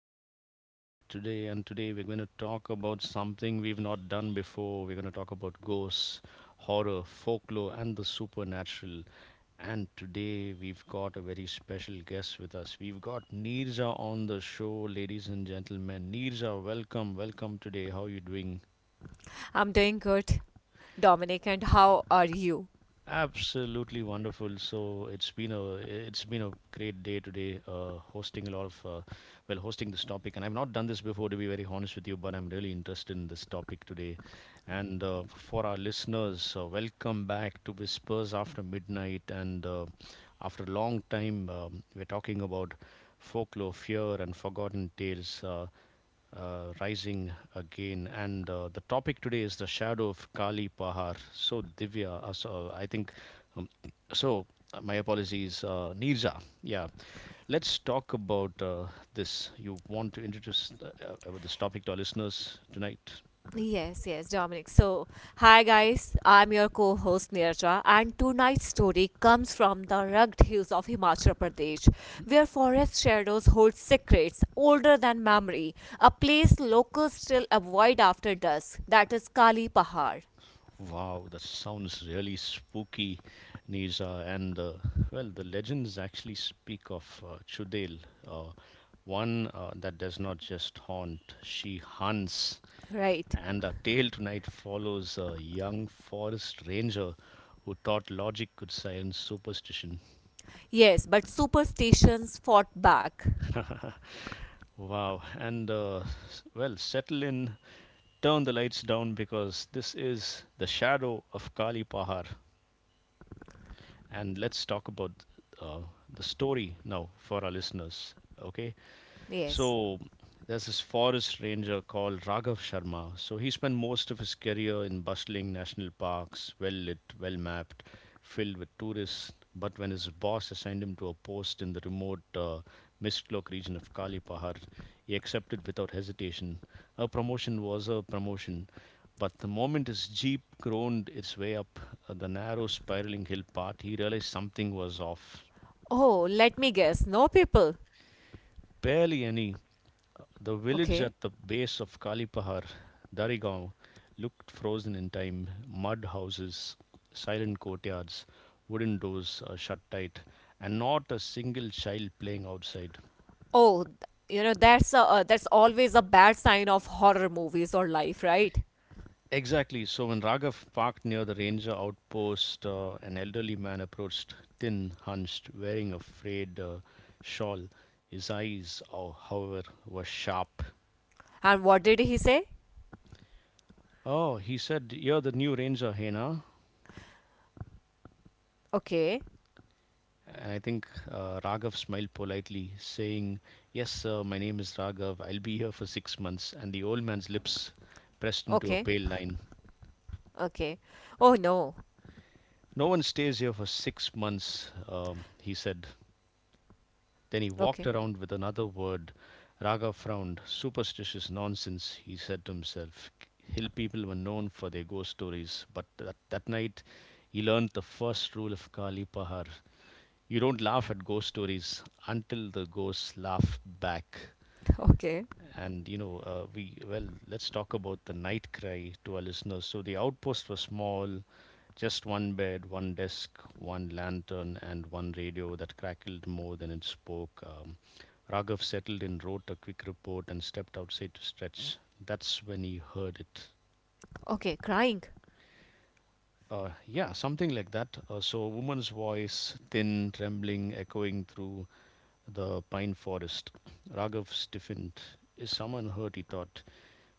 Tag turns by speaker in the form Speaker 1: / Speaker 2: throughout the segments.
Speaker 1: me, Dominic, today. And today we're going to talk about something we've not done before. We're going to talk about ghosts, horror, folklore, and the supernatural. And today we've got a very special guest with us. We've got Neerja on the show, ladies and gentlemen. Neerja, welcome, welcome today. How are you doing?
Speaker 2: I'm doing good, Dominic, and how are you?
Speaker 1: Absolutely wonderful. So it's been a great day today, hosting a lot of hosting this topic, and I've not done this before to be very honest with you, but I'm really interested in this topic today. And For our listeners, welcome back to Whispers After Midnight. And After a long time, we're talking about folklore, fear, and forgotten tales. Rising again. And The topic today is the shadow of Kali Pahar. So, Divya, I think, um, so my apologies, Neerja. Yeah, let's talk about this. You want to introduce about this topic to our listeners tonight?
Speaker 2: Yes, yes, Dominic. So, hi guys, I'm your co host Nirja, and tonight's story comes from the rugged hills of Himachal Pradesh, where forest shadows hold secrets older than memory, a place locals still avoid after dusk, that is Kali Pahar.
Speaker 1: Wow, that sounds really spooky, Neerja. And Well, the legends actually speak of Chudel. Uh, One that does not just haunt, she hunts.
Speaker 2: Right.
Speaker 1: And our tale tonight follows a young forest ranger who thought logic could silence superstition.
Speaker 2: Yes, but superstitions fought back.
Speaker 1: Wow. And, well, settle in, turn the lights down because this is The Shadow of Kali Pahar. And let's talk about uh, the story now for our listeners. Okay.
Speaker 2: Yes.
Speaker 1: So there's this forest ranger called Raghav Sharma. So he spent most of his career in bustling national parks, well lit, well mapped, filled with tourists. But when his boss assigned him to a post in the remote Mistlok region of Kali Pahar, he accepted without hesitation. A promotion was a promotion. But the moment his jeep groaned its way up the narrow spiraling hill path, he realized something was off.
Speaker 2: Oh, let me guess. No people.
Speaker 1: Barely any. The village
Speaker 2: Okay.
Speaker 1: at the base of Kalipahar, Darigaon, looked frozen in time. Mud houses, silent courtyards, wooden doors shut tight, and not a single child playing outside.
Speaker 2: Oh, th- you know that's a, that's always a bad sign of horror movies or life, right?
Speaker 1: Exactly. So when Raghav parked near the ranger outpost, an elderly man approached, thin, hunched, wearing a frayed shawl. His eyes, oh, however, were sharp.
Speaker 2: And what did he say?
Speaker 1: Oh, he said, "You're the new ranger, Hena."
Speaker 2: Okay,
Speaker 1: I think Raghav smiled politely, saying, "Yes, sir, my name is Raghav. I'll be here for 6 months." And the old man's lips pressed into a
Speaker 2: okay,
Speaker 1: pale line.
Speaker 2: okay. Oh no.
Speaker 1: "No one stays here for 6 months," he said. Then he walked
Speaker 2: Okay.
Speaker 1: around with another word. Raghav frowned. "Superstitious nonsense," he said to himself. Hill people were known for their ghost stories, but that night he learned the first rule of Kali Pahar: you don't laugh at ghost stories until the ghosts laugh back.
Speaker 2: Okay,
Speaker 1: And you know, we well let's talk about the night cry to our listeners. So the outpost was small, just one bed, one desk, one lantern, and one radio that crackled more than it spoke. Raghav settled in, wrote a quick report, and stepped outside to stretch. That's when he heard it.
Speaker 2: okay. Crying.
Speaker 1: Yeah, something like that. So a woman's voice, thin, trembling, echoing through the pine forest. Raghav stiffened. Is someone hurt, he thought.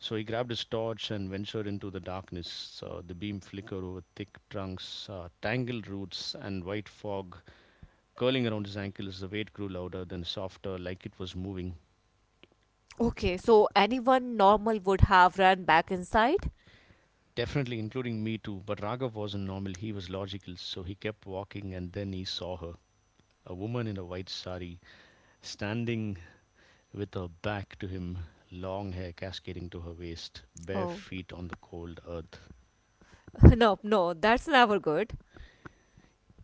Speaker 1: So he grabbed his torch and ventured into the darkness. The beam flickered over thick trunks, tangled roots, and white fog curling around his ankles. The weight grew louder, then softer, like it was moving.
Speaker 2: Okay, so anyone normal would have run back inside.
Speaker 1: Definitely, including me too. But Raghav wasn't normal, he was logical. So he kept walking, and then he saw her: a woman in a white sari, standing with her back to him, long hair cascading to her waist, bare
Speaker 2: Oh.
Speaker 1: feet on the cold earth.
Speaker 2: No, no, that's never good.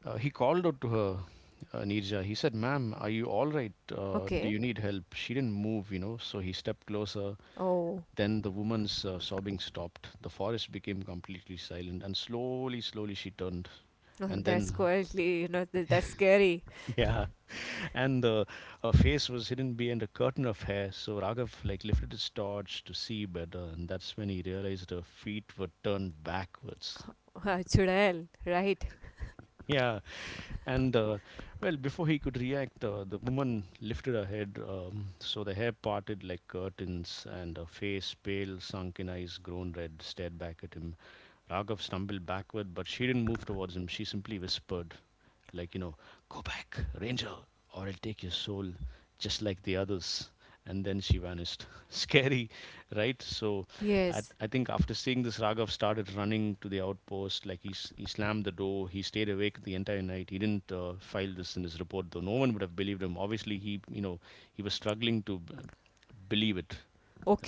Speaker 1: He called out to her, Neerja. He said, "Ma'am, are you all right? Do
Speaker 2: Okay.
Speaker 1: you need help?" She didn't move, you know, so he stepped closer.
Speaker 2: Oh,
Speaker 1: Then the woman's sobbing stopped. The forest became completely silent, and slowly, slowly she turned. And
Speaker 2: that's
Speaker 1: then,
Speaker 2: quietly, you know, that's scary.
Speaker 1: yeah, and her face was hidden behind a curtain of hair. So Raghav, like, lifted his torch to see better, and that's when he realized her feet were turned backwards.
Speaker 2: Chudel, right?
Speaker 1: Yeah, and well, before he could react, the woman lifted her head, so the hair parted like curtains, and her face, pale, sunken eyes, grown red, stared back at him. Raghav stumbled backward, but she didn't move towards him. She simply whispered, like, you know, "Go back, Ranger, or I'll take your soul, just like the others." And then she vanished. Scary, right? So I,
Speaker 2: Yes.
Speaker 1: I think after seeing this, Raghav started running to the outpost. Like he slammed the door. He stayed awake the entire night. He didn't file this in his report, though. No one would have believed him. Obviously, he, you know, he was struggling to believe it,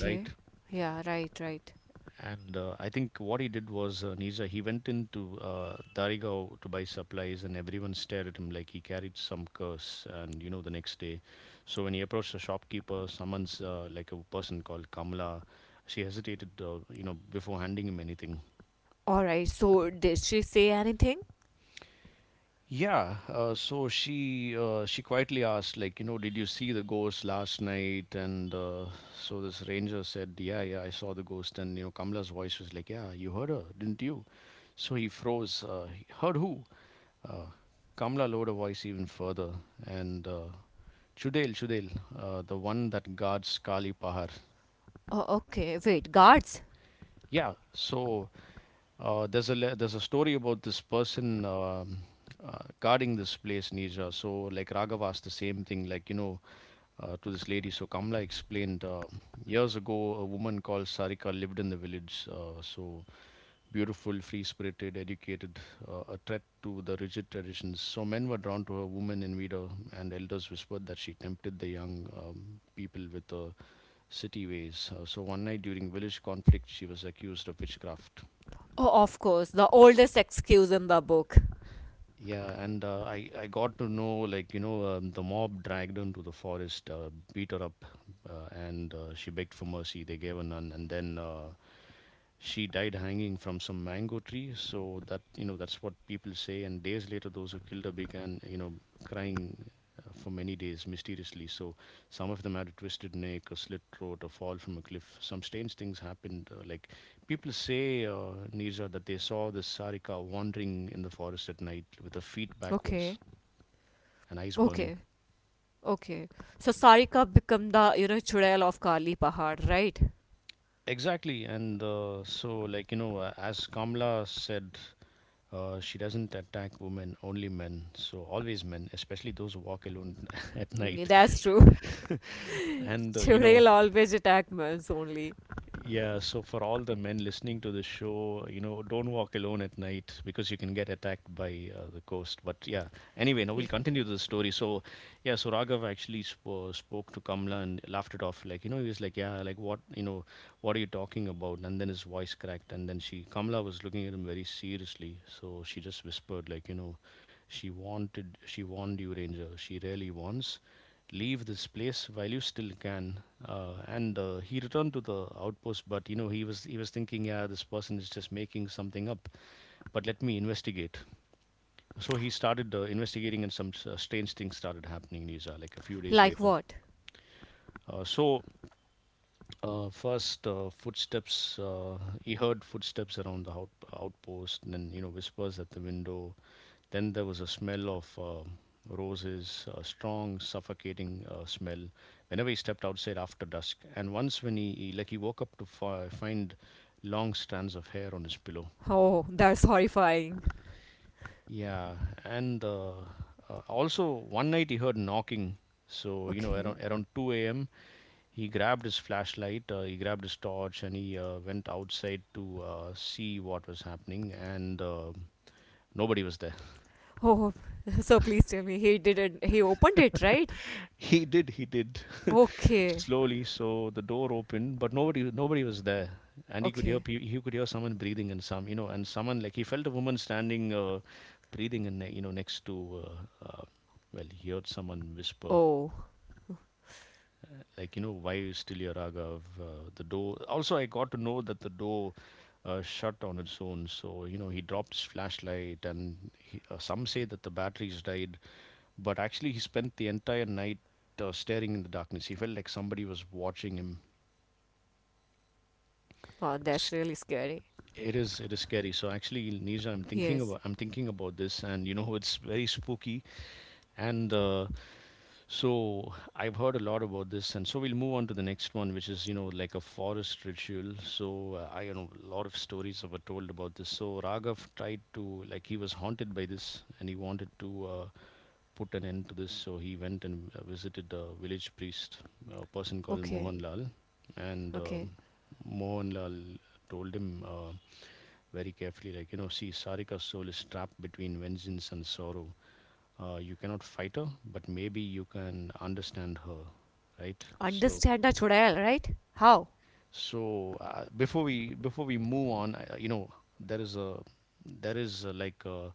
Speaker 1: right?
Speaker 2: Yeah. Right. Right.
Speaker 1: And I think what he did was, Nisa, he went into Darigao to buy supplies, and everyone stared at him like he carried some curse. And you know, the next day, so when he approached the shopkeeper, someone's like a person called Kamala, she hesitated, you know, before handing him anything.
Speaker 2: Alright, so did she say anything?
Speaker 1: Yeah, so she quietly asked, like, you know, "Did you see the ghost last night?" And so this ranger said, "Yeah, yeah, I saw the ghost." And you know, Kamala's voice was like, "Yeah, you heard her, didn't you?" So he froze. "Uh, he heard who?" Uh, Kamala lowered her voice even further, and "Chudel, Chudel, the one that guards Kali Pahar."
Speaker 2: Oh, okay, wait, guards?
Speaker 1: Yeah, so there's a story about this person, guarding this place, Nija. So like Raghava asked the same thing, like you know, to this lady. So Kamla explained, years ago, a woman called Sarika lived in the village. Beautiful, free spirited, educated, a threat to the rigid traditions. So men were drawn to her, women envied her, and elders whispered that she tempted the young, people with her city ways. So one night during village conflict, she was accused of witchcraft.
Speaker 2: Oh, of course, the oldest excuse in the book.
Speaker 1: Yeah, and I got to know, like you know, the mob dragged her into the forest, beat her up, and she begged for mercy. They gave her none, and then she died hanging from some mango tree. So that, you know, that's what people say. And days later, those who killed her began, you know, crying for many days mysteriously. So some of them had a twisted neck, a slit throat, a fall from a cliff. Some strange things happened, like people say, Nirja, that they saw the Sarika wandering in the forest at night with her feet backwards
Speaker 2: Okay,
Speaker 1: and eyes burning.
Speaker 2: okay, okay. So Sarika become the, you know, Chudail of Kali Pahad, right?
Speaker 1: Exactly. And so, like, you know, as Kamala said, she doesn't attack women, only men. So, always men, especially those who walk alone at
Speaker 2: Mm,
Speaker 1: night.
Speaker 2: that's true.
Speaker 1: And, you know,
Speaker 2: Chudail always attack males only.
Speaker 1: yeah, so for all the men listening to the show, you know, don't walk alone at night because you can get attacked by the ghost. But yeah, anyway, now we'll
Speaker 2: Yeah.
Speaker 1: continue the story. So, yeah, so Raghav actually spoke to Kamla and laughed it off. Like, you know, he was like, "Yeah, like what, you know, what are you talking about?" And then his voice cracked. And then Kamla was looking at him very seriously. So she just whispered, like, you know, "She warned you, Ranger. She really wants, leave this place while you still can." And He returned to the outpost, but you know he was thinking, yeah, this person is just making something up, but let me investigate. So he started investigating, and some strange things started happening, Nisa, like a few days
Speaker 2: Like
Speaker 1: later.
Speaker 2: what?
Speaker 1: uh, so First, footsteps. He heard footsteps around the outpost, and then you know whispers at the window. Then there was a smell of roses, a strong, suffocating smell. Whenever he stepped outside after dusk, and once when he woke up to find long strands of hair on his pillow.
Speaker 2: Oh, that's horrifying.
Speaker 1: Yeah, and also one night he heard knocking. So you know,
Speaker 2: Okay.
Speaker 1: around two a.m., he grabbed his flashlight, he grabbed his torch, and he went outside to see what was happening. And nobody was there.
Speaker 2: Oh. So please tell me, he didn't, he opened it, right?
Speaker 1: He did,
Speaker 2: Okay,
Speaker 1: slowly. So the door opened, but nobody was there. And he could hear,
Speaker 2: okay.
Speaker 1: he could hear someone breathing, and some, and someone, like, he felt a woman standing, breathing, and next to, well, he heard someone whisper,
Speaker 2: Oh,
Speaker 1: like, "Why you still here, Raghav?" The door, also, I got to know that the door shut on its own. So, he dropped his flashlight, and some say that the batteries died, but actually he spent the entire night staring in the darkness. He felt like somebody was watching him.
Speaker 2: oh that's really
Speaker 1: S-
Speaker 2: scary.
Speaker 1: it is scary. So, actually, Nisha,
Speaker 2: Yes,
Speaker 1: I'm thinking about this, and it's very spooky. And So I've heard a lot about this, and so we'll move on to the next one, which is, like, a forest ritual. So, I you know a lot of stories were told about this. So Raghav tried to, like, he was haunted by this, and he wanted to put an end to this. So he went and visited a village priest, a person called
Speaker 2: okay.
Speaker 1: Mohanlal, and
Speaker 2: Okay.
Speaker 1: um Mohanlal told him, very carefully, like, see, Sarika's soul is trapped between vengeance and sorrow. You cannot fight her, but maybe you can understand her, right? So,
Speaker 2: Understand a chudail, right? How?
Speaker 1: before we move on, I, you know there is a there is a, like a,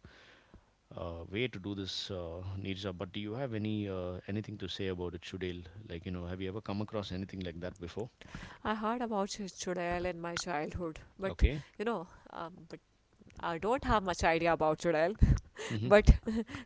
Speaker 1: a way to do this, Nirja. But do you have anything to say about it, Shudel? Have you ever come across anything like that before?
Speaker 2: I heard about chudail in my childhood, but
Speaker 1: Okay.
Speaker 2: you know, um, but I don't have much idea about chudail.
Speaker 1: Hmm.
Speaker 2: But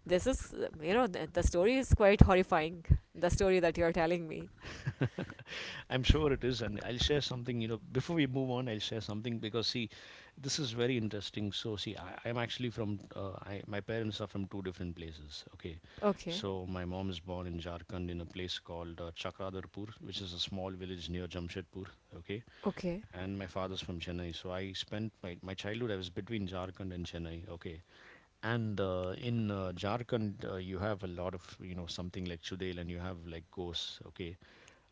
Speaker 2: this is, you know, the story is quite horrifying. The story that you are telling me.
Speaker 1: I'm sure it is, and I'll share something. Before we move on, I'll share something, because, see, this is very interesting. So, see, I, I'm actually from. I, my parents are from two different places. Okay,
Speaker 2: Okay.
Speaker 1: so my mom is born in Jharkhand, in a place called Chakradarpur, which is a small village near Jamshedpur. Okay,
Speaker 2: Okay.
Speaker 1: and my father's from Chennai. So I spent my childhood. I was between Jharkhand and Chennai. Okay, and in Jharkhand, you have a lot of, something like Chudel, and you have, like, ghosts. Okay.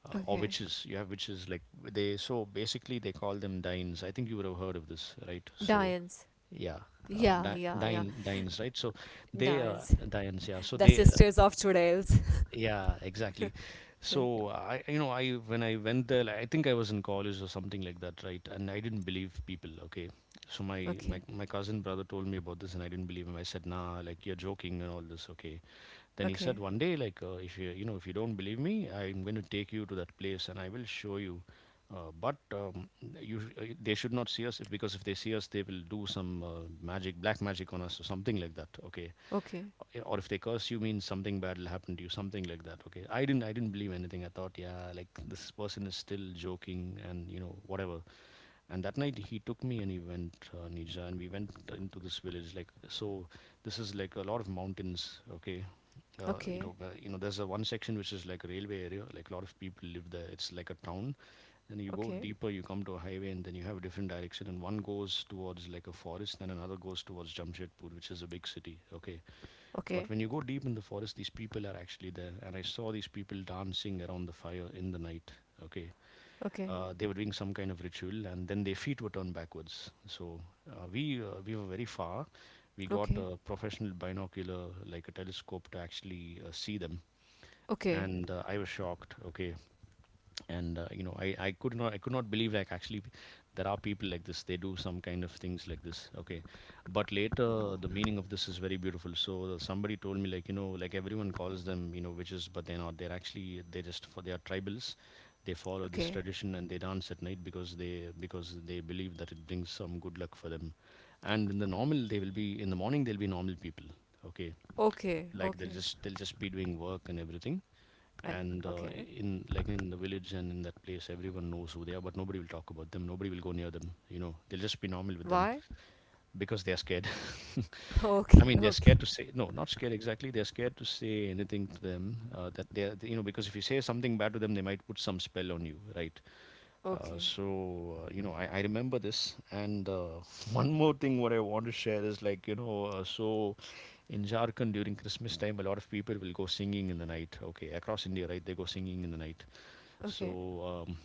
Speaker 1: Or
Speaker 2: Okay.
Speaker 1: witches. You have witches, like, they. So basically they call them Dains. I think you would have heard of this, right? So
Speaker 2: Diane's.
Speaker 1: yeah. Uh,
Speaker 2: Yeah,
Speaker 1: di-
Speaker 2: yeah, yeah.
Speaker 1: dine, right? So they
Speaker 2: Diane's.
Speaker 1: dines, yeah. So
Speaker 2: The
Speaker 1: they
Speaker 2: sisters of chudails.
Speaker 1: yeah, exactly.
Speaker 2: Right.
Speaker 1: So I, you know, I when I went there, like, I think I was in college or something like that, right? And I didn't believe people. Okay, so my
Speaker 2: Okay.
Speaker 1: my my cousin brother told me about this, and I didn't believe him. I said, nah, like, you're joking and all this. Okay. Then he
Speaker 2: Okay.
Speaker 1: said, one day, like, if you don't believe me, I'm going to take you to that place, and I will show you. But they should not see us, because if they see us, they will do some magic, black magic, on us or something like that. Okay.
Speaker 2: Okay.
Speaker 1: Yeah, or if they curse you, means something bad will happen to you, something like that. Okay, I didn't believe anything. I thought, yeah, like, this person is still joking, and, whatever. And that night he took me, and he went, Nija, and we went into this village, like, so this is like a lot of mountains. Okay. uh, you
Speaker 2: Okay.
Speaker 1: know where- you know there's a one section which is like a railway area, like, a lot of people live there, it's like a town. Then you go
Speaker 2: Okay.
Speaker 1: deeper, you come to a highway, and then you have a different direction. And one goes towards, like, a forest, and another goes towards Jamshedpur, which is a big city. Okay,
Speaker 2: Okay. Okay.
Speaker 1: but when you go deep in the forest, these people are actually there, and I saw these people dancing around the fire in the night. Okay,
Speaker 2: Okay.
Speaker 1: they were doing some kind of ritual, and then their feet were turned backwards. So we were very far. We got
Speaker 2: Okay.
Speaker 1: a professional binocular, like a telescope, to actually see them,
Speaker 2: Okay.
Speaker 1: and I was shocked. Okay, and I could not believe, like, actually, there are people like this, they do some kind of things like this. Okay, but later the meaning of this is very beautiful. So somebody told me, like, like, everyone calls them, witches, but they're not. They're actually, they just for they are tribals. They follow this tradition, and they dance at night, because they believe that it brings some good luck for them. And in the morning they'll be normal people. Okay,
Speaker 2: Okay.
Speaker 1: like,
Speaker 2: Okay.
Speaker 1: they'll just be doing work and everything.
Speaker 2: Uh,
Speaker 1: And
Speaker 2: okay.
Speaker 1: In, like, in the village and in that place, everyone knows who they are, but nobody will talk about them, nobody will go near them. They'll just be normal with them.
Speaker 2: Why?
Speaker 1: Because they are scared.
Speaker 2: Okay,
Speaker 1: I mean, they're
Speaker 2: okay,
Speaker 1: scared to say, no, not scared exactly, they're scared to say anything to them, that they're you know because if you say something bad to them, they might put some spell on you, right?
Speaker 2: okay,
Speaker 1: So, I remember this, and one more thing what I want to share is, like, so, in Jharkhand during Christmas time, a lot of people will go singing in the night. Okay, across India, right? They go singing in the night.
Speaker 2: okay,
Speaker 1: So,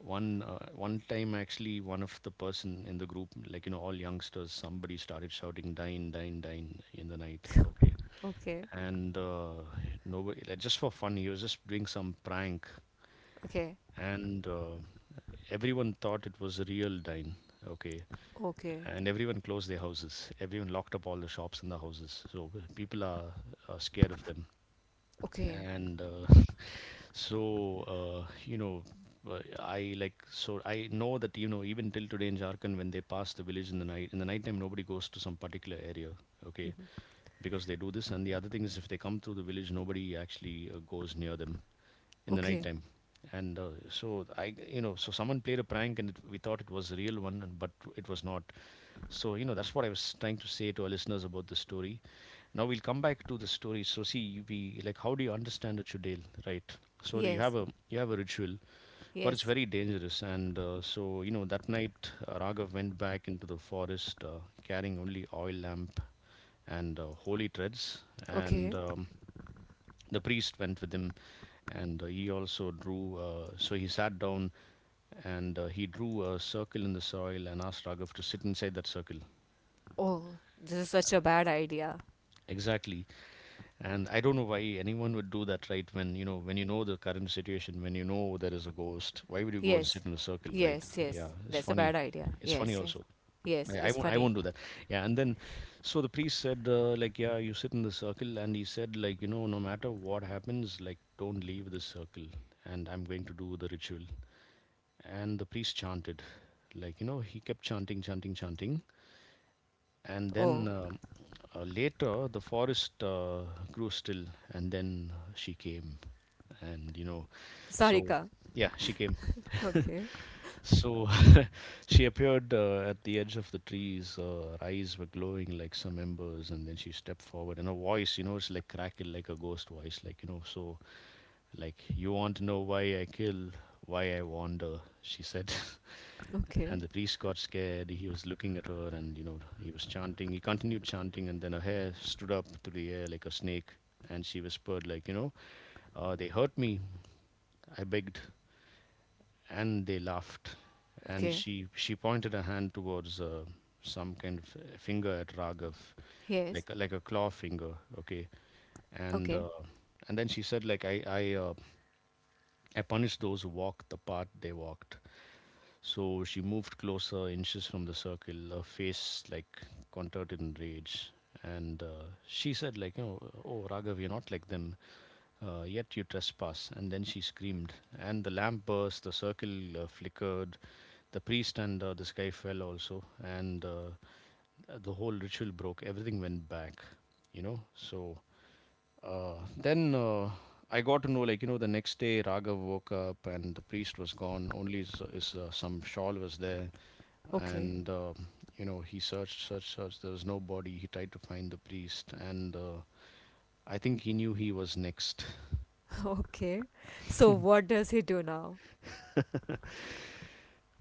Speaker 1: one time, actually, one of the person in the group, like, all youngsters, somebody started shouting "dine, dine, dine" in the night. Okay,
Speaker 2: okay,
Speaker 1: and nobody, like, just for fun, he was just doing some prank.
Speaker 2: okay,
Speaker 1: And Everyone thought it was a real dine. Okay,
Speaker 2: okay,
Speaker 1: and everyone closed their houses, everyone locked up all the shops and the houses. So people are scared of them.
Speaker 2: okay.
Speaker 1: And so you know I like so I know that, even till today in Jharkhand, when they pass the village in the night, in the nighttime, nobody goes to some particular area. Okay. Because they do this. And the other thing is, if they come through the village, nobody actually goes near them in the night
Speaker 2: Okay.
Speaker 1: time. And uh, so i you know so someone played a prank, and we thought it was a real one, but it was not. So, that's what I was trying to say to our listeners about the story. Now we'll come back to the story. So, see, we like, how do you understand a chudel, right? So that
Speaker 2: Yes,
Speaker 1: you have a ritual. But it's
Speaker 2: yes,
Speaker 1: very dangerous. And so, that night, Raghav went back into the forest, carrying only oil lamp, and holy threads. and
Speaker 2: okay.
Speaker 1: um, the priest went with him, and he also drew. So he sat down, and he drew a circle in the soil, and asked Raghav to sit inside that circle.
Speaker 2: Oh, this is such a bad idea.
Speaker 1: Exactly. And I don't know why anyone would do that, right? When you know the current situation, when you know there is a ghost, why would you go and
Speaker 2: Yes,
Speaker 1: sit in a circle, right?
Speaker 2: yes,
Speaker 1: Yeah,
Speaker 2: yes.
Speaker 1: it's
Speaker 2: That's a
Speaker 1: funny.
Speaker 2: bad idea.
Speaker 1: It's funny
Speaker 2: Yes, yes,
Speaker 1: also.
Speaker 2: yes.
Speaker 1: I
Speaker 2: It's
Speaker 1: won't. I
Speaker 2: funny.
Speaker 1: won't do that. Yeah. And then, so the priest said, like, yeah, you sit in the circle, and he said, like, no matter what happens, like, don't leave the circle, and I'm going to do the ritual. And the priest chanted, like, he kept chanting, chanting, chanting. and then
Speaker 2: Oh,
Speaker 1: um, uh, later, the forest grew still, and then she came. And you know so
Speaker 2: Sarika.
Speaker 1: yeah, she came.
Speaker 2: Okay,
Speaker 1: So, she appeared at the edge of the trees. Her eyes were glowing like some embers, and then she stepped forward, and her voice, it's like crackled like a ghost voice, like, so, like, you want to know why I kill, why I wander, she said.
Speaker 2: okay,
Speaker 1: And the priest got scared. He was looking at her, and, he was chanting. He continued chanting, and then her hair stood up through the air like a snake. And she whispered, like, they hurt me. I begged. And they laughed. And
Speaker 2: okay.
Speaker 1: she pointed her hand towards some kind of finger at Raghav,
Speaker 2: Yes,
Speaker 1: like, like a claw finger, okay? And,
Speaker 2: okay,
Speaker 1: uh, and then she said, like, I punish those who walk the path they walked. So she moved closer, inches from the circle, her face, like, contorted in rage. And she said, like, oh, Raghav, you're not like them, yet you trespass. And then she screamed. And the lamp burst, the circle flickered, the priest and this guy fell also. And The whole ritual broke, everything went back. So then, I got to know, like, the next day Raghav woke up and the priest was gone, only his some shawl was there.
Speaker 2: okay,
Speaker 1: And he searched searched searched. There was no body. He tried to find the priest, and I think he knew he was next.
Speaker 2: okay. So what does he do now?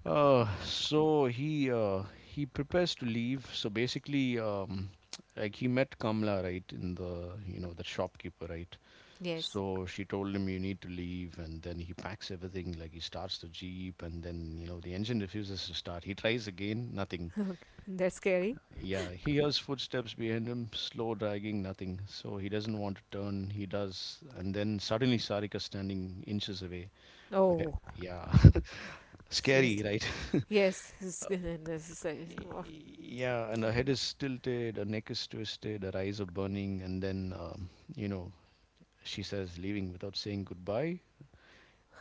Speaker 1: So he prepares to leave. So basically, like, he met Kamla, right, in the you know the shopkeeper, right?
Speaker 2: Yes,
Speaker 1: So she told him, "You need to leave." And then he packs everything, like, he starts the jeep, and then, the engine refuses to start. He tries again, nothing.
Speaker 2: that's scary.
Speaker 1: Yeah, he hears footsteps behind him, slow dragging, nothing. So he doesn't want to turn. He does, and then suddenly Sarika standing inches away. Okay,
Speaker 2: Oh,
Speaker 1: yeah, scary,
Speaker 2: seriously.
Speaker 1: right?
Speaker 2: Yes,
Speaker 1: Uh,
Speaker 2: this is
Speaker 1: y-
Speaker 2: oh,
Speaker 1: yeah, and her
Speaker 2: okay.
Speaker 1: head is tilted, her neck is twisted, her eyes are burning, and then you know she says, "Leaving without saying goodbye?"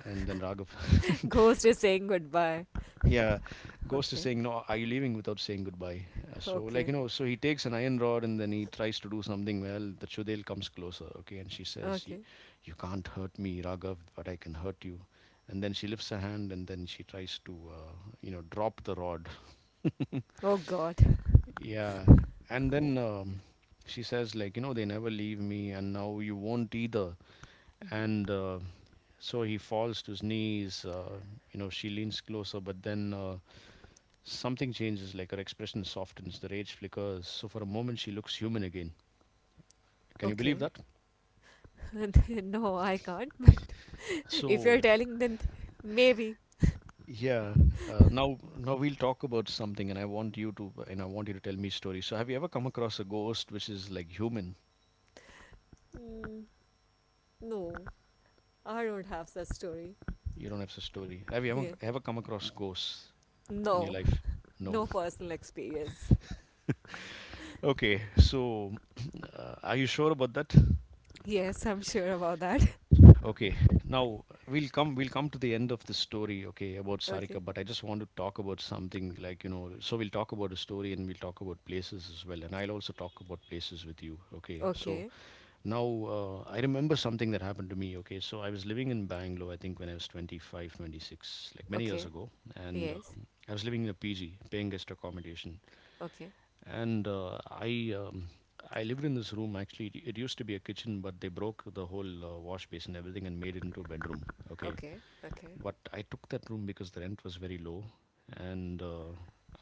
Speaker 1: And then Raghav.
Speaker 2: Ghost is saying goodbye.
Speaker 1: Yeah, Ghost is
Speaker 2: Okay,
Speaker 1: saying, "No, are you leaving without saying goodbye?" Uh, so, like
Speaker 2: okay,
Speaker 1: you know, so he takes an iron rod and then he tries to do something. Well, the Chudel comes closer, okay, and she says, "You
Speaker 2: okay.
Speaker 1: you can't hurt me, Raghav, but I can hurt you." And then she lifts her hand and then she tries to, drop the rod.
Speaker 2: Oh God.
Speaker 1: Yeah, and then she says, like, they never leave me, and now you won't either. And so he falls to his knees. She leans closer, but then, something changes, like her expression softens, the rage flickers. So for a moment, she looks human again. Can you believe
Speaker 2: Okay.
Speaker 1: that?
Speaker 2: No, I can't. But if you're
Speaker 1: So
Speaker 2: telling, then maybe.
Speaker 1: yeah, uh, now now we'll talk about something, and I want you to tell me stories. So have you ever come across a ghost which is like human?
Speaker 2: Mm, no, I don't have such story.
Speaker 1: You don't have a story. Have you ever
Speaker 2: Yeah.
Speaker 1: ever come across ghosts in your
Speaker 2: No,
Speaker 1: life? No.
Speaker 2: no personal experience.
Speaker 1: Okay. So are you sure about that?
Speaker 2: Yes, I'm sure about that.
Speaker 1: Okay, now we'll come to the end of the story, okay, about Sarika,
Speaker 2: Okay,
Speaker 1: but I just want to talk about something, like, so we'll talk about a story and we'll talk about places as well, and I'll also talk about places with you, okay? So
Speaker 2: okay,
Speaker 1: now, I remember something that happened to me, okay? So I was living in Bangalore, I think when I was 25, 26, like, many years
Speaker 2: okay.
Speaker 1: ago, and
Speaker 2: Yes.
Speaker 1: I was living in a PG, paying guest accommodation,
Speaker 2: Okay,
Speaker 1: and I lived in this room, actually. It used to be a kitchen, but they broke the whole wash basin, everything, and made it into a bedroom. Okay,
Speaker 2: okay, okay,
Speaker 1: but I took that room because the rent was very low, and uh,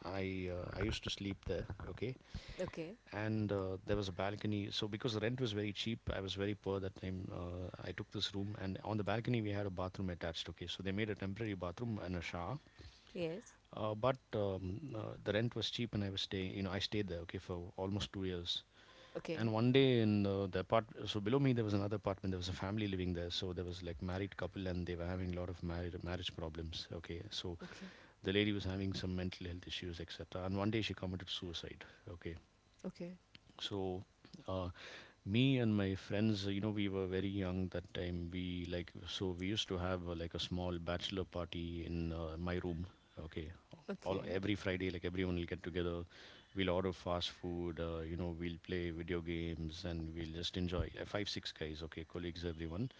Speaker 1: I uh, I used to sleep there. Okay,
Speaker 2: okay.
Speaker 1: and there was a balcony. So because the rent was very cheap, I was very poor that time. I took this room, and on the balcony we had a bathroom attached. Okay, so they made a temporary bathroom and a shower,
Speaker 2: Yes.
Speaker 1: but the rent was cheap, and I was stay. You know, I stayed there, okay, for almost 2 years. And
Speaker 2: Okay,
Speaker 1: one day, so below me there was another apartment. There was a family living there, so there was, like, married couple, and they were having a lot of marriage problems. Okay, so
Speaker 2: okay,
Speaker 1: the lady was having some mental health issues, etc. And one day she committed suicide. Okay,
Speaker 2: okay,
Speaker 1: so, uh, me and my friends, you know, we were very young that time. We used to have, like, a small bachelor party in, my room. Okay, all
Speaker 2: okay,
Speaker 1: every Friday, like, everyone will get together. We'll order fast food. We'll play video games and we'll just enjoy. Five, six guys, okay, colleagues, everyone.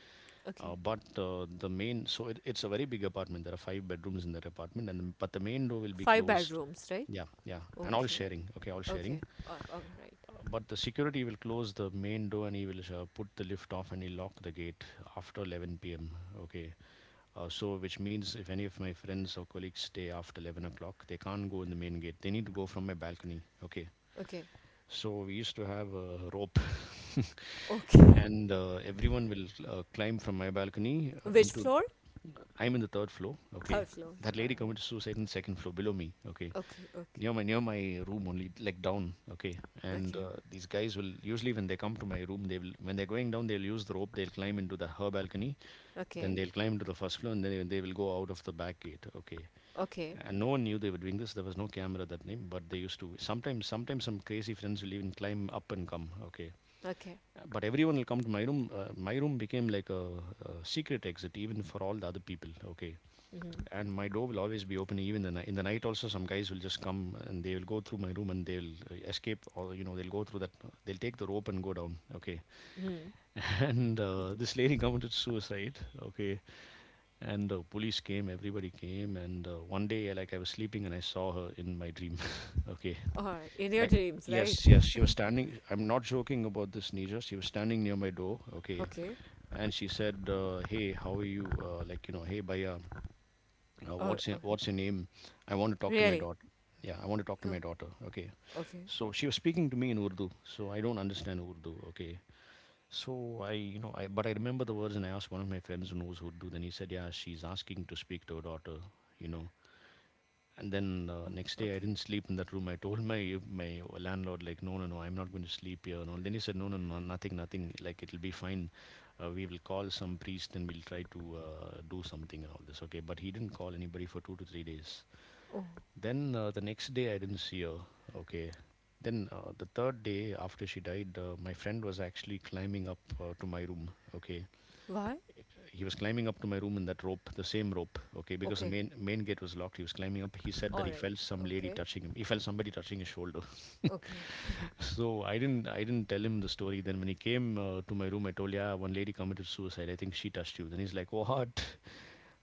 Speaker 2: okay.
Speaker 1: But the main, so it, it's a very big apartment. There are five bedrooms in that apartment, and but the main door will be
Speaker 2: Five
Speaker 1: closed.
Speaker 2: bedrooms, right?
Speaker 1: Yeah, yeah, and all
Speaker 2: Okay.
Speaker 1: sharing. Okay, all
Speaker 2: Okay.
Speaker 1: sharing.
Speaker 2: All right.
Speaker 1: But the security will close the main door and he will put the lift off and he'll lock the gate after 11 p.m. Okay. So, which means if any of my friends or colleagues stay after 11 o'clock, they can't go in the main gate. They need to go from my balcony. Okay.
Speaker 2: Okay.
Speaker 1: So, we used to have a rope,
Speaker 2: Okay.
Speaker 1: and everyone will climb from my balcony
Speaker 2: Which
Speaker 1: into.
Speaker 2: floor?
Speaker 1: I'm in the third floor. Okay.
Speaker 2: Third floor.
Speaker 1: That
Speaker 2: All
Speaker 1: lady
Speaker 2: right.
Speaker 1: committed suicide in the second floor below me. Okay,
Speaker 2: Okay. Okay.
Speaker 1: near my room only, like, down. Okay. And
Speaker 2: Okay.
Speaker 1: these guys will usually, when they come to my room they will, when they're going down, they'll use the rope, they'll climb into the her balcony. Then
Speaker 2: Okay.
Speaker 1: they'll climb into the first floor, and then they will go out of the back gate. Okay.
Speaker 2: Okay.
Speaker 1: And no one knew they were doing this. There was no camera that name, but they used to, sometimes, some crazy friends will even climb up and come. Okay.
Speaker 2: Okay.
Speaker 1: But everyone will come to my room. My room became like a secret exit, even for all the other people. Okay.
Speaker 2: Mm-hmm.
Speaker 1: And my door will always be open, even in the night also. Some guys will just come and they will go through my room, and they'll escape. Or they'll go through that, they'll take the rope and go down. Okay.
Speaker 2: Mm-hmm.
Speaker 1: And this lady committed suicide. Okay. And police came, everybody came. And one day, like, I was sleeping and I saw her in my dream. Okay.
Speaker 2: All right. In your
Speaker 1: Like,
Speaker 2: dreams, right?
Speaker 1: yes, yes, she was standing. I'm not joking about this, nija, she was standing near my door. Okay.
Speaker 2: Okay.
Speaker 1: And she said, "Hey, how are you, like, hey baya, uh,
Speaker 2: Oh,
Speaker 1: what's
Speaker 2: oh
Speaker 1: your, what's your name? I want to talk to my
Speaker 2: really?
Speaker 1: daughter. Yeah, I want to talk to
Speaker 2: Yeah.
Speaker 1: my daughter." Okay.
Speaker 2: Okay.
Speaker 1: So she was speaking to me in Urdu. So I don't understand Urdu. Okay. So I, you know, I but I remember the words, and I asked one of my friends who knows Urdu. Then he said, "Yeah, she's asking to speak to her daughter." You know. And then
Speaker 2: Oh,
Speaker 1: next day I
Speaker 2: okay.
Speaker 1: didn't sleep in that room. I told my landlord, like, "No, no, no, I'm not going to sleep here." And all. Then he said, "No, no, no, nothing, nothing. Like, it'll be fine. We will call some priest and we'll try to do something and all this." Okay, but he didn't call anybody for 2 to 3 days.
Speaker 2: Oh,
Speaker 1: Then the next day I didn't see her. Okay. Then the third day after she died, my friend was actually climbing up to my room. Okay.
Speaker 2: why?
Speaker 1: He was climbing up to my room in that rope, the same rope, okay, because the
Speaker 2: Okay.
Speaker 1: main gate was locked. He was climbing up. He said
Speaker 2: All
Speaker 1: that he
Speaker 2: right.
Speaker 1: felt some lady
Speaker 2: Okay.
Speaker 1: touching him. He felt somebody touching his shoulder.
Speaker 2: Okay.
Speaker 1: So I didn't tell him the story. Then when he came, to my room, I told, "Yeah, one lady committed suicide. I think she touched you." Then he's like, "Oh, what?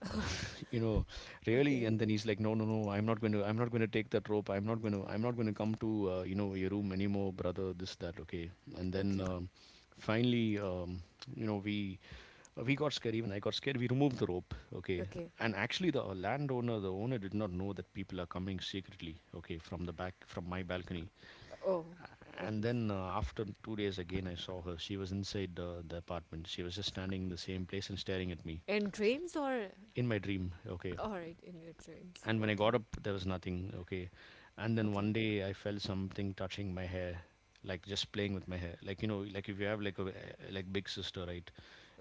Speaker 1: Uh, you know, really?"
Speaker 2: Okay.
Speaker 1: And then he's like, "No, no, no, I'm not going to take that rope. I'm not going to come to your room anymore, brother. This that." Okay. And then
Speaker 2: Okay.
Speaker 1: finally, you know, we we got scared, even I got scared. We removed the rope, okay.
Speaker 2: Okay.
Speaker 1: And actually, the landowner, the owner, did not know that people are coming secretly, okay, from the back, from my balcony.
Speaker 2: Oh.
Speaker 1: And
Speaker 2: Okay.
Speaker 1: then uh, after 2 days, again, I saw her. She was inside the apartment. She was just standing in the same place and staring at me
Speaker 2: In dreams or
Speaker 1: in my dream, okay.
Speaker 2: all right in your dreams?
Speaker 1: And when I
Speaker 2: Okay.
Speaker 1: got up, there was nothing. Okay. And then
Speaker 2: Okay.
Speaker 1: one day I felt something touching my hair, like just playing with my hair. Like, like, if you have, like, a big sister, right?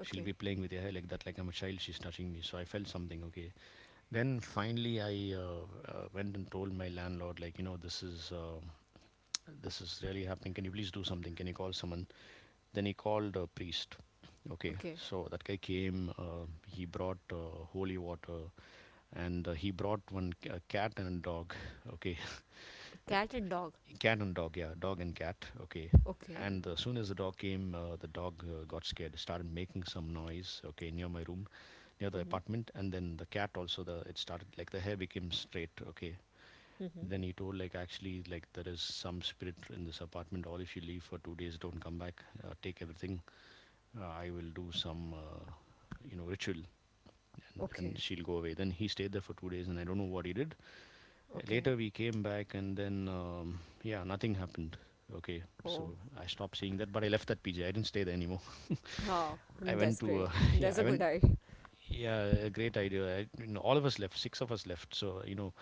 Speaker 1: She'll be playing with your hair like that, like I'm a child, she's touching me. So I felt something. Okay. Then finally I went and told my landlord, like, this is really happening. Can you please do something? Can you call someone? Then he called a priest. Okay,
Speaker 2: Okay.
Speaker 1: so that guy came. He brought holy water, and he brought a cat and a dog. Okay.
Speaker 2: Cat and dog.
Speaker 1: Cat and dog. Yeah, dog and cat. Okay,
Speaker 2: Okay.
Speaker 1: and as soon as the dog came, the dog got scared, started making some noise. Okay, near my room, near the
Speaker 2: Mm-hmm.
Speaker 1: apartment, and then the cat also. The it started, like the hair became straight. Okay,
Speaker 2: Mm-hmm.
Speaker 1: then he told, like, actually, like there is some spirit in this apartment. Or if you leave for 2 days, don't come back. Take everything. I will do some, ritual, and,
Speaker 2: Okay,
Speaker 1: and she'll go away. Then he stayed there for 2 days and I don't know what he did.
Speaker 2: okay.
Speaker 1: Later we came back and then, yeah, nothing happened. Okay,
Speaker 2: Oh,
Speaker 1: so I stopped seeing that, but I left that PJ. I didn't stay there anymore.
Speaker 2: ah,
Speaker 1: I
Speaker 2: that's
Speaker 1: went
Speaker 2: great.
Speaker 1: to,
Speaker 2: That's a
Speaker 1: yeah, I
Speaker 2: good
Speaker 1: went,
Speaker 2: eye.
Speaker 1: yeah, a great idea. All of us left, six of us left. So, you know,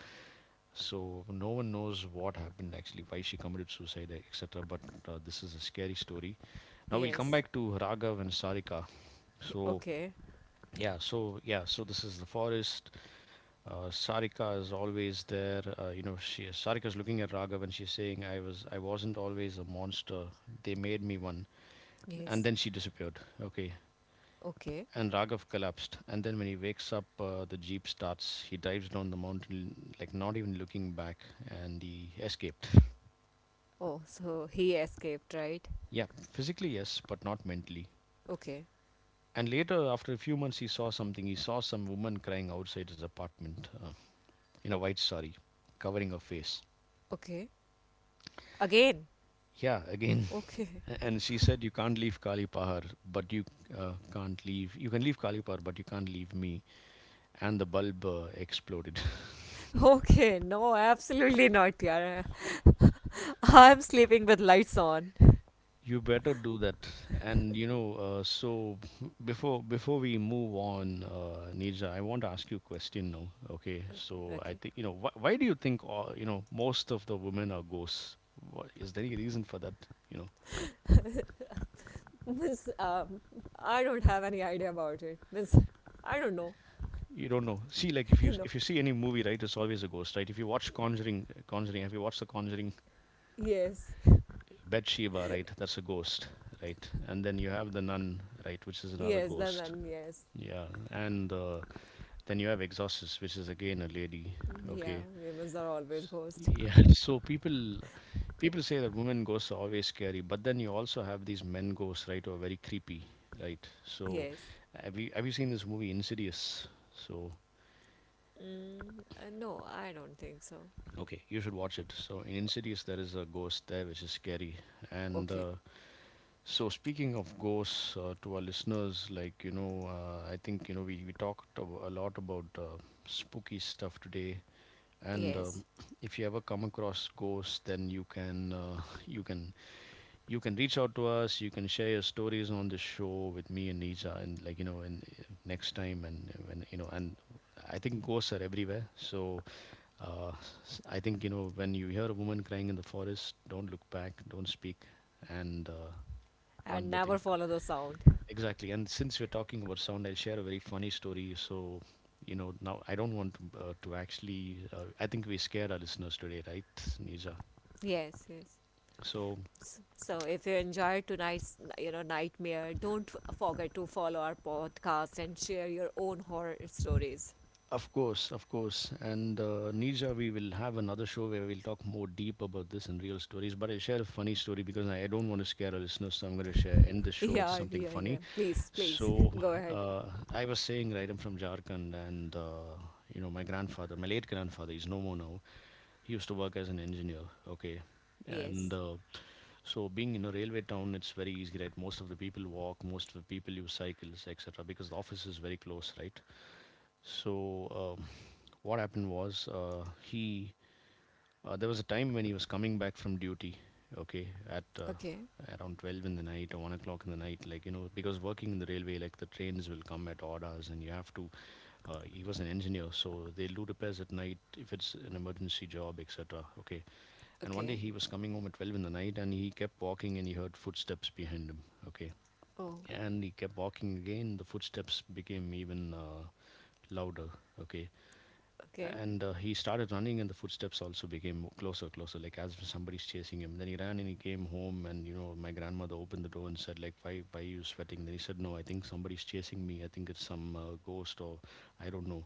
Speaker 1: so no one knows what happened actually, why she committed suicide, etc. But this is a scary story. Now we'll come
Speaker 2: Yes.
Speaker 1: back to Raghav and Sarika.
Speaker 2: He-
Speaker 1: So
Speaker 2: Okay.
Speaker 1: so this is the forest. Sarika is always there. You know, she Sarika's looking at Raghav and she's saying, I wasn't always a monster. They made me one."
Speaker 2: Yes.
Speaker 1: And then she disappeared. Okay,
Speaker 2: Okay.
Speaker 1: and Raghav collapsed. And then when he wakes up, the jeep starts. He dives down the mountain, like not even looking back, and he escaped.
Speaker 2: Oh, so he escaped, right?
Speaker 1: Yeah, physically yes, but not mentally.
Speaker 2: Okay.
Speaker 1: And later, after a few months, he saw something. He saw some woman crying outside his apartment, in a white sari, covering her face.
Speaker 2: Okay. Again.
Speaker 1: Yeah, again.
Speaker 2: Okay.
Speaker 1: And she said, "You can't leave Kali Pahar, but you can't leave. You can leave Kali Pahar, but you can't leave me." And the bulb exploded.
Speaker 2: Okay. No, absolutely not, yeah. I'm sleeping with lights on.
Speaker 1: You better do that. So before we move on, Nija, I want to ask you a question now. Okay. So
Speaker 2: Okay.
Speaker 1: I think, why do you think most of the women are ghosts? Wha Is there any reason for that? You know?
Speaker 2: This I don't have any idea about it. This, I don't know.
Speaker 1: You don't know. See, like if
Speaker 2: No.
Speaker 1: you see any movie, right, it's always a ghost, right? If you watch have you watched the Conjuring?
Speaker 2: Yes.
Speaker 1: Bathsheba, right? That's a ghost, right? And then you have the nun, right, which is another
Speaker 2: Yes.
Speaker 1: ghost.
Speaker 2: Then yes.
Speaker 1: Yeah, and then you have Exorcist, which is again a lady.
Speaker 2: Yeah.
Speaker 1: Okay,
Speaker 2: Humans are always ghost.
Speaker 1: yeah. So people say that women ghosts are always scary, but then you also have these men ghosts, right, who are very creepy, right? So
Speaker 2: Yes.
Speaker 1: have you seen this movie Insidious? So
Speaker 2: Mm, no, I don't think so.
Speaker 1: okay, you should watch it. So in Insidious, there is a ghost there which is scary, and
Speaker 2: Okay.
Speaker 1: uh, So speaking of ghosts, to our listeners, like you know, I think, you know, we talked a lot about spooky stuff today, and,
Speaker 2: Yes.
Speaker 1: if you ever come across ghosts, then you can reach out to us. You can share your stories on the show with me and Nija, and, like, you know, in next time, and when you know, and I think ghosts are everywhere. So uh, I think, when you hear a woman crying in the forest, don't look back, don't speak, and,
Speaker 2: And
Speaker 1: one more
Speaker 2: never
Speaker 1: thing.
Speaker 2: follow the sound.
Speaker 1: Exactly. And since we're talking about sound, I'll share a very funny story. So, you know, now I don't want to, actually, I think we scared our listeners today, right, Nija?
Speaker 2: Yes, yes.
Speaker 1: So,
Speaker 2: So if you enjoyed tonight's, you know, nightmare, don't forget to follow our podcast and share your own horror stories.
Speaker 1: of course, of course. And Nija, we will have another show where we'll talk more deep about this and real stories. But I'll share a funny story because I don't want to scare our listeners. So I'm going to share, end this show
Speaker 2: Yeah,
Speaker 1: with
Speaker 2: yeah,
Speaker 1: something
Speaker 2: yeah.
Speaker 1: funny.
Speaker 2: Please, please
Speaker 1: So
Speaker 2: go ahead.
Speaker 1: uh, I was saying, right, I'm from Jharkhand, and, my grandfather, my late grandfather, he's no more now. He used to work as an engineer. Okay,
Speaker 2: Yes.
Speaker 1: and so being in a railway town, it's very easy, right? Most of the people walk, most of the people use cycles, etc., because the office is very close, right? So, what happened was, he there was a time when he was coming back from duty, okay, at
Speaker 2: Okay.
Speaker 1: around 12 in the night or 1 o'clock in the night, like, you know, because working in the railway, like, the trains will come at odd hours and he was an engineer, so they'll do repairs at night if it's an emergency job, etc., okay. And one
Speaker 2: Okay.
Speaker 1: day he was coming home at 12 in the night and he kept walking and he heard footsteps behind him, okay.
Speaker 2: Oh,
Speaker 1: And he kept walking again, the footsteps became even louder, okay,
Speaker 2: okay.
Speaker 1: and he started running and the footsteps also became closer, like as if somebody's chasing him. Then he ran and he came home and, you know, my grandmother opened the door and said, like, why are you sweating? Then he said, no, I think somebody's chasing me. I think it's some ghost or I don't know.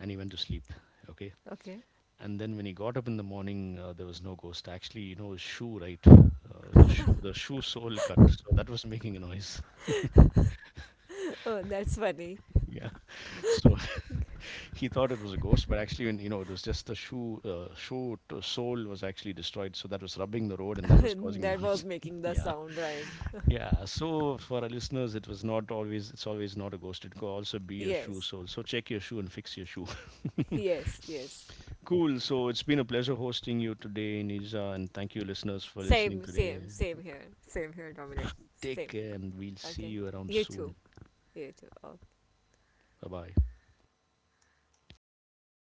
Speaker 1: And he went to sleep. Okay.
Speaker 2: Okay.
Speaker 1: And then when he got up in the morning, there was no ghost, actually. You know, his shoe, right? The shoe sole cut, so that was making a noise. Yeah. So he thought it was a ghost, but actually, when, you know, it was just the shoe, shoe to sole was actually destroyed. So that was rubbing the road and that was causing
Speaker 2: That
Speaker 1: the
Speaker 2: was
Speaker 1: noise.
Speaker 2: making the
Speaker 1: Yeah.
Speaker 2: sound right.
Speaker 1: Yeah. So for our listeners, it was not always, it's always not a ghost. It could also be a
Speaker 2: Yes.
Speaker 1: shoe sole. So check your shoe and fix your shoe.
Speaker 2: Yes, yes.
Speaker 1: Cool. So it's been a pleasure hosting you today, Nija. And thank you, listeners, for
Speaker 2: Same,
Speaker 1: listening
Speaker 2: same,
Speaker 1: today.
Speaker 2: same here. Same here, Dominic. Same.
Speaker 1: Take care and we'll
Speaker 2: Okay.
Speaker 1: see you
Speaker 2: You
Speaker 1: around
Speaker 2: too.
Speaker 1: soon.
Speaker 2: You too. Oh,
Speaker 1: Bye bye.
Speaker 2: bye bye.